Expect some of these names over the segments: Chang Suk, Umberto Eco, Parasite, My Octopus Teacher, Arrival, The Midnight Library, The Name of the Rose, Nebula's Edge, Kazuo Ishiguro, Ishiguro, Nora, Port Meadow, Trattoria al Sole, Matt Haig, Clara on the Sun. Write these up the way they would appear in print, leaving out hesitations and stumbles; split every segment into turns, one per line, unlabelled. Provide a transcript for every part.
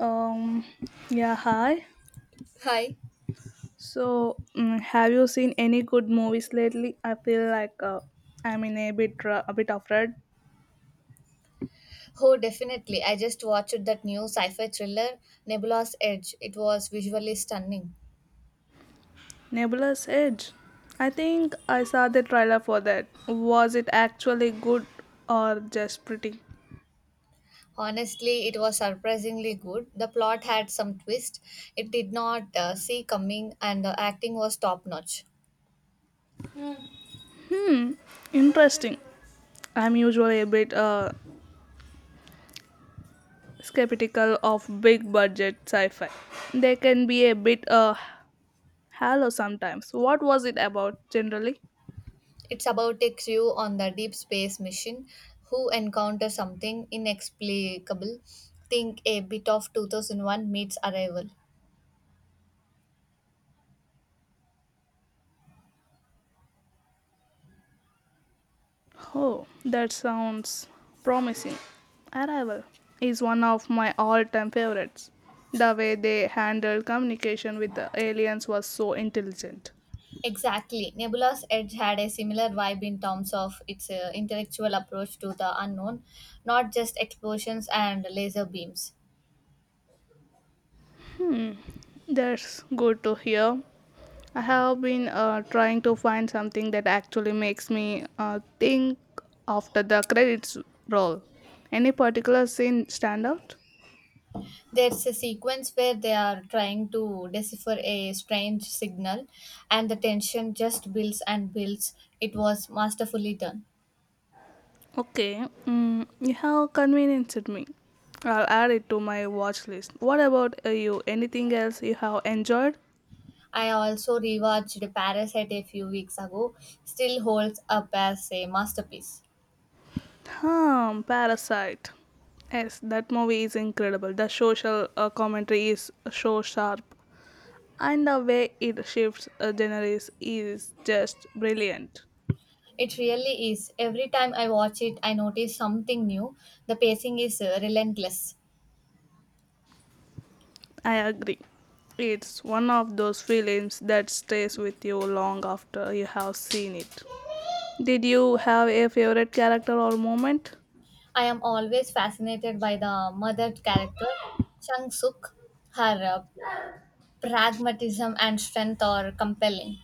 Um, yeah, hi.
Hi.
So, have you seen any good movies lately? I feel like I'm in a bit a bit afraid.
Oh, definitely. I just watched that new sci fi thriller, Nebula's Edge. It was visually stunning.
Nebula's Edge. I think I saw the trailer for that. Was it actually good or just pretty?
Honestly, it was surprisingly good. The plot had some twist it did not see coming, and the acting was top notch.
Interesting. I'm usually a bit skeptical of big budget sci-fi. They can be a bit hollow sometimes. What was it about generally?
It's about a crew on the deep space mission who encounter something inexplicable. Think a bit of 2001 meets Arrival.
Oh, that sounds promising. Arrival is one of my all time favorites. The way they handled communication with the aliens was so intelligent.
Exactly. Nebula's Edge had a similar vibe in terms of its intellectual approach to the unknown, not just explosions and laser beams.
That's good to hear. I have been trying to find something that actually makes me think after the credits roll. Any particular scene stand out?
There's a sequence where they are trying to decipher a strange signal, and the tension just builds and builds. It was masterfully done.
Okay, mm, you have convinced me. I'll add it to my watch list. What about you? Anything else you have enjoyed?
I also rewatched Parasite a few weeks ago, still holds up as a masterpiece.
Hmm, Parasite. Yes, that movie is incredible. The social commentary is so sharp, and the way it shifts genres is just brilliant.
It really is. Every time I watch it, I notice something new. The pacing is relentless.
I agree. It's one of those films that stays with you long after you have seen it. Did you have a favorite character or moment?
I am always fascinated by the mother character, Chang Suk. Her pragmatism and strength are compelling.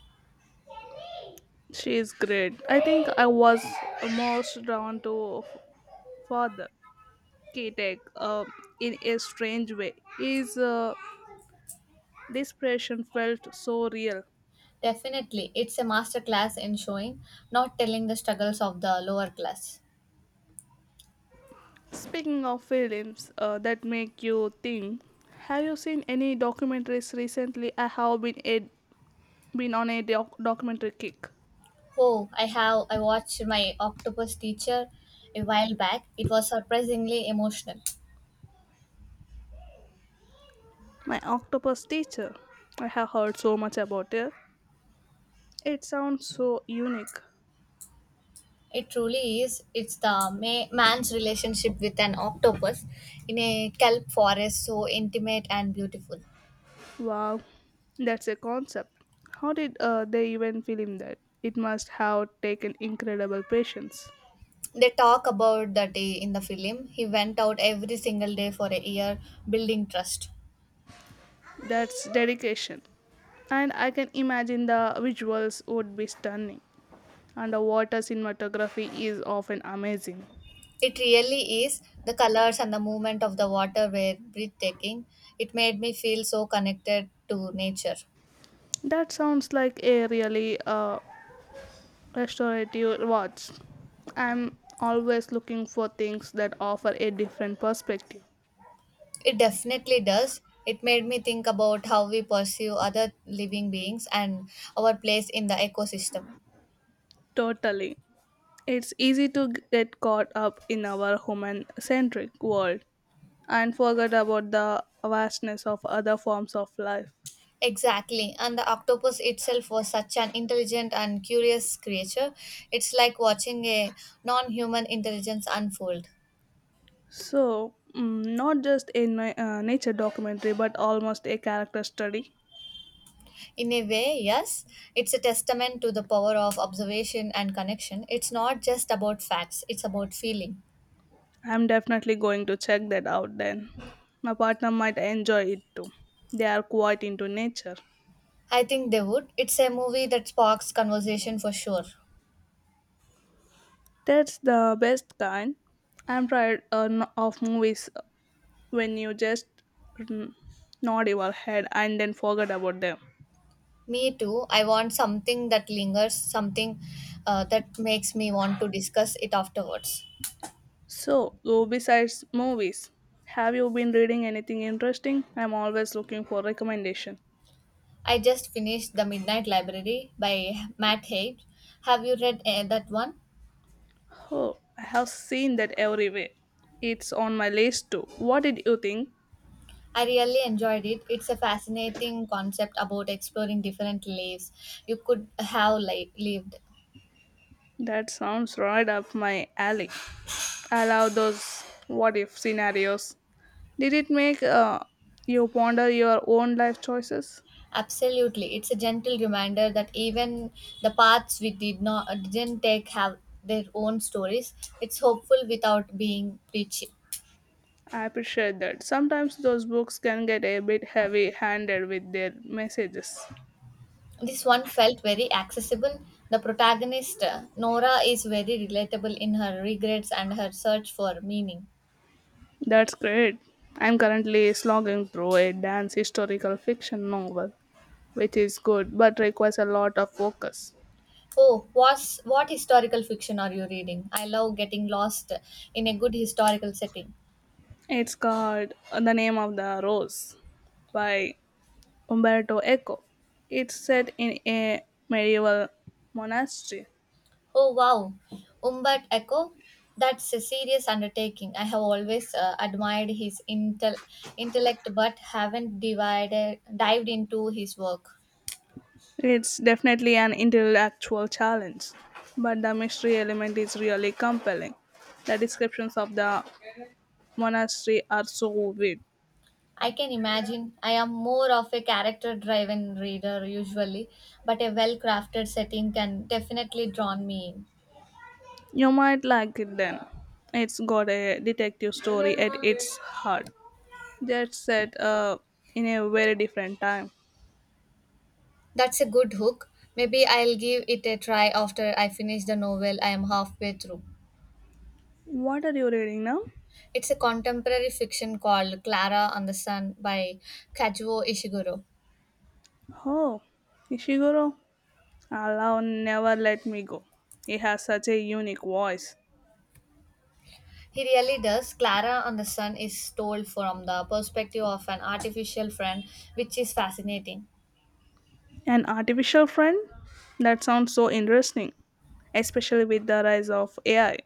She is great. I think I was most drawn to father K-Tech in a strange way. His desperation felt so real.
Definitely, it's a masterclass in showing, not telling the struggles of the lower class.
Speaking of films that make you think, have you seen any documentaries recently? I have been on a documentary kick.
Oh, I watched my octopus teacher a while back. It was surprisingly emotional.
My octopus teacher. I have heard so much about it. It sounds so unique.
It truly is. It's the man's relationship with an octopus in a kelp forest, so intimate and beautiful.
Wow, that's a concept. How did they even film that? It must have taken incredible patience.
They talk about the day in the film. He went out every single day for a year, building trust.
That's dedication. And I can imagine the visuals would be stunning. Underwater cinematography is often amazing.
It really is. The colors and the movement of the water were breathtaking. It made me feel so connected to nature.
That sounds like a really restorative watch. I'm always looking for things that offer a different perspective.
It definitely does. It made me think about how we pursue other living beings and our place in the ecosystem.
Totally. It's easy to get caught up in our human centric world and forget about the vastness of other forms of life.
Exactly, and the octopus itself was such an intelligent and curious creature. It's like watching a non human intelligence unfold.
So, not just a nature documentary, but almost a character study.
In a way, yes, it's a testament to the power of observation and connection. It's not just about facts, it's about feeling.
I'm definitely going to check that out then. My partner might enjoy it too. They are quite into nature.
I think they would. It's a movie that sparks conversation for sure.
That's the best kind. I'm tired of movies when you just mm, nod your head and then forget about them.
Me too. I want something that lingers, something that makes me want to discuss it afterwards.
So, though besides movies, have you been reading anything interesting? I'm always looking for recommendation.
I just finished The Midnight Library by Matt Haig. Have you read that one?
Oh, I have seen that everywhere. It's on my list too. What did you think?
I really enjoyed it. It's a fascinating concept about exploring different lives you could have lived.
That sounds right up my alley. I love those what if scenarios. Did it make you ponder your own life choices?
Absolutely. It's a gentle reminder that even the paths we didn't take have their own stories. It's hopeful without being preachy.
I appreciate that. Sometimes those books can get a bit heavy handed with their messages.
This one felt very accessible. The protagonist, Nora, is very relatable in her regrets and her search for meaning.
That's great. I'm currently slogging through a dance historical fiction novel, which is good but requires a lot of focus.
Oh, what historical fiction are you reading? I love getting lost in a good historical setting.
It's called The Name of the Rose by Umberto Eco. It's set in a medieval monastery.
Oh, wow. Umberto Eco? That's a serious undertaking. I have always admired his intellect but haven't dived into his work.
It's definitely an intellectual challenge, but the mystery element is really compelling. The descriptions of the monastery are so vivid.
I can imagine. I am more of a character driven reader usually, but a well crafted setting can definitely draw me in.
You might like it then. It's got a detective story at its heart. That's set in a very different time.
That's a good hook. Maybe I'll give it a try after I finish the novel I am halfway through.
What are you reading now?
It's a contemporary fiction called Clara on the Sun by Kazuo Ishiguro.
Oh, Ishiguro. Allah never let me go. He has such a unique voice.
He really does. Clara on the Sun is told from the perspective of an artificial friend, which is fascinating.
An artificial friend? That sounds so interesting, especially with the rise of AI.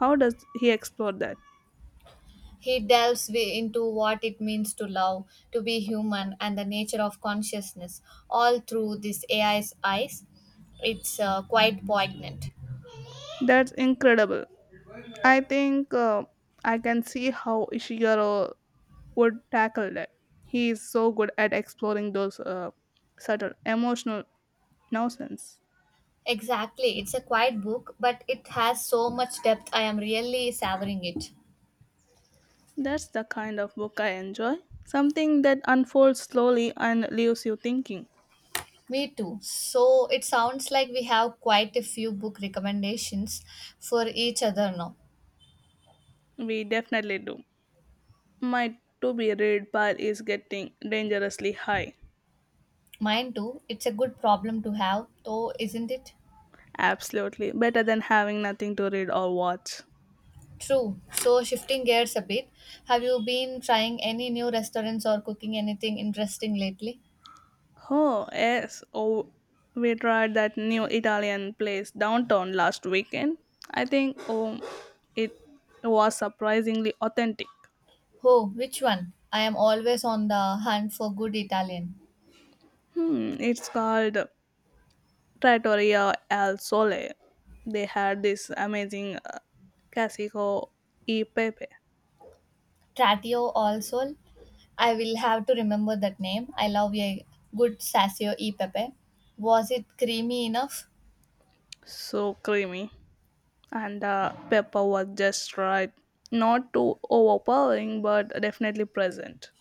How does he explore that?
He delves into what it means to love, to be human, and the nature of consciousness, all through this AI's eyes. It's quite poignant.
That's incredible. I think I can see how Ishiguro would tackle that. He is so good at exploring those subtle emotional nuances.
Exactly. It's a quiet book, but it has so much depth. I am really savoring it.
That's the kind of book I enjoy. Something that unfolds slowly and leaves you thinking.
Me too. So it sounds like we have quite a few book recommendations for each other now.
We definitely do. My to be read pile is getting dangerously high.
Mine too. It's a good problem to have, though, isn't it?
Absolutely. Better than having nothing to read or watch.
True. So shifting gears a bit, have you been trying any new restaurants or cooking anything interesting lately?
Oh, yes. Oh, we tried that new Italian place downtown last weekend. I think oh, it was surprisingly authentic.
Oh, which one? I am always on the hunt for good Italian.
Hmm, it's called Trattoria al Sole. They had this amazing classico e pepe,
Tratio also. I will have to remember that name. I love a good Sassio e Pepe. Was it creamy enough?
so creamy, and the pepper was just right. Not too overpowering, but definitely present.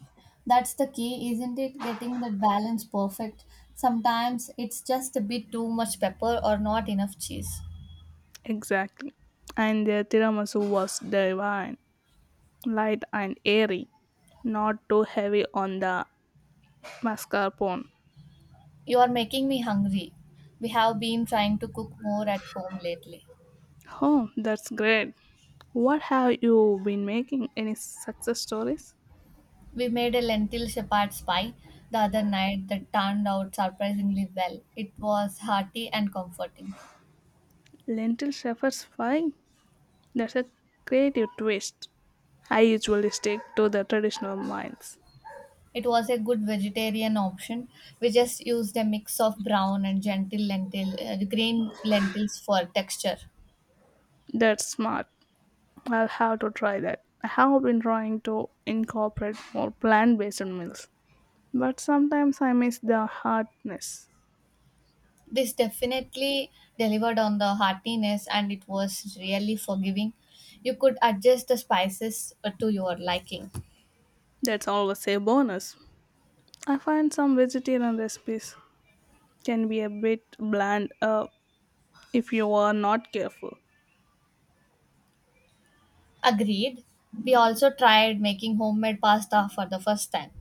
That's the key, isn't it? Getting that balance perfect. Sometimes it's just a bit too much pepper or not enough cheese.
Exactly. And their tiramisu was divine. Light and airy, not too heavy on the mascarpone.
You are making me hungry. We have been trying to cook more at home lately.
Oh, that's great. What have you been making? Any success stories?
We made a lentil shepherd's pie the other night that turned out surprisingly well. It was hearty and comforting.
Lentil shepherd's pie? That's a creative twist. I usually stick to the traditional mines.
It was a good vegetarian option. We just used a mix of brown and green lentils for texture.
That's smart. I'll have to try that. I have been trying to incorporate more plant based meals, but sometimes I miss the hardness.
This definitely delivered on the heartiness and it was really forgiving. You could adjust the spices to your liking.
That's always a bonus. I find some vegetarian recipes can be a bit bland if you are not careful.
Agreed. We also tried making homemade pasta for the first time.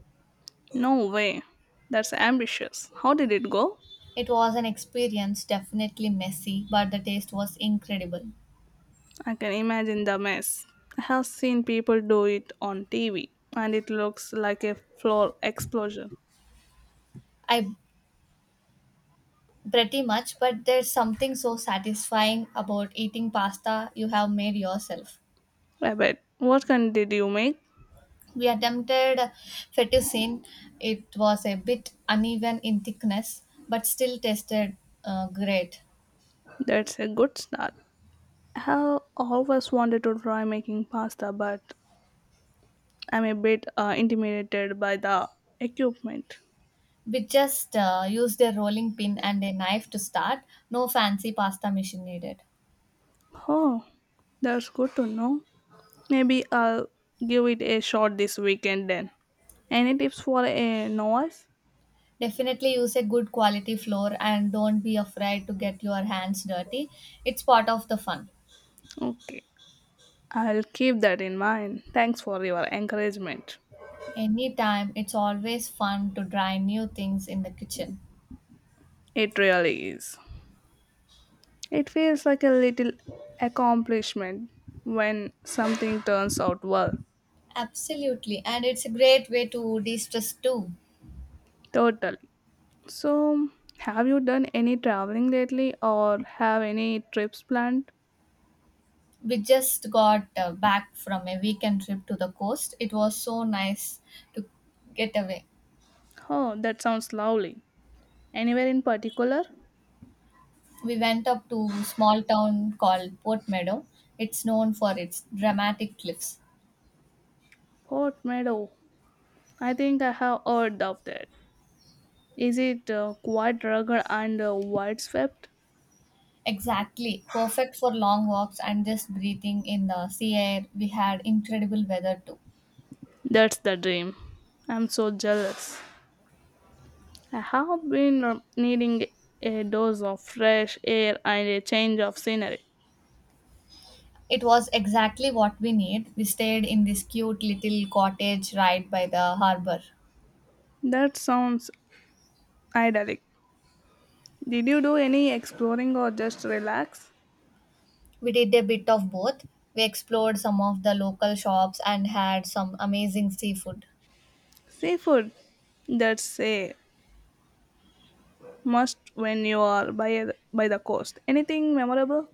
No way. That's ambitious. How did it go?
It was an experience, definitely messy, but the taste was incredible.
I can imagine the mess. I have seen people do it on TV and it looks like a floor explosion.
I Pretty much, but there's something so satisfying about eating pasta you have made yourself.
I bet. What kind did you make?
We attempted fettuccine. It was a bit uneven in thickness, but still tasted great.
That's a good start. I have always wanted to try making pasta, but I'm a bit intimidated by the equipment.
We just used a rolling pin and a knife to start. No fancy pasta machine needed.
Oh, that's good to know. Maybe I'll give it a shot this weekend then. Any tips for a novice?
Definitely use a good quality flour and don't be afraid to get your hands dirty. It's part of the fun.
Okay, I'll keep that in mind. Thanks for your encouragement.
Anytime, it's always fun to try new things in the kitchen.
It really is. It feels like a little accomplishment when something turns out well.
Absolutely, and it's a great way to de-stress too.
Totally. So, have you done any traveling lately or have any trips planned?
We just got back from a weekend trip to the coast. It was so nice to get away.
Oh, that sounds lovely. Anywhere in particular?
We went up to small town called Port Meadow. It's known for its dramatic cliffs.
Port Meadow. I think I have heard of that. Is it quite rugged and wide swept?
Exactly, perfect for long walks and just breathing in the sea air. We had incredible weather too.
That's the dream. I'm so jealous. I have been needing a dose of fresh air and a change of scenery.
It was exactly what we need. We stayed in this cute little cottage right by the harbor.
That sounds idyllic. Did you do any exploring or just relax?
We did a bit of both. We explored some of the local shops and had some amazing seafood.
Seafood. That's a must when you are by the coast. Anything memorable?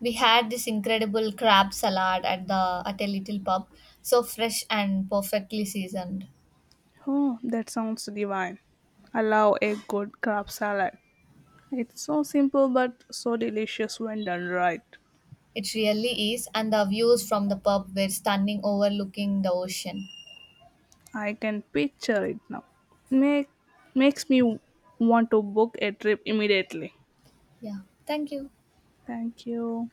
We had this incredible crab salad at the at a little pub, so fresh and perfectly seasoned.
Oh, that sounds divine. I love a good crab salad. It's so simple but so delicious when done right.
It really is, and the views from the pub were stunning overlooking the ocean.
I can picture it now. Make Makes me want to book a trip immediately.
Yeah. Thank you.
Thank you.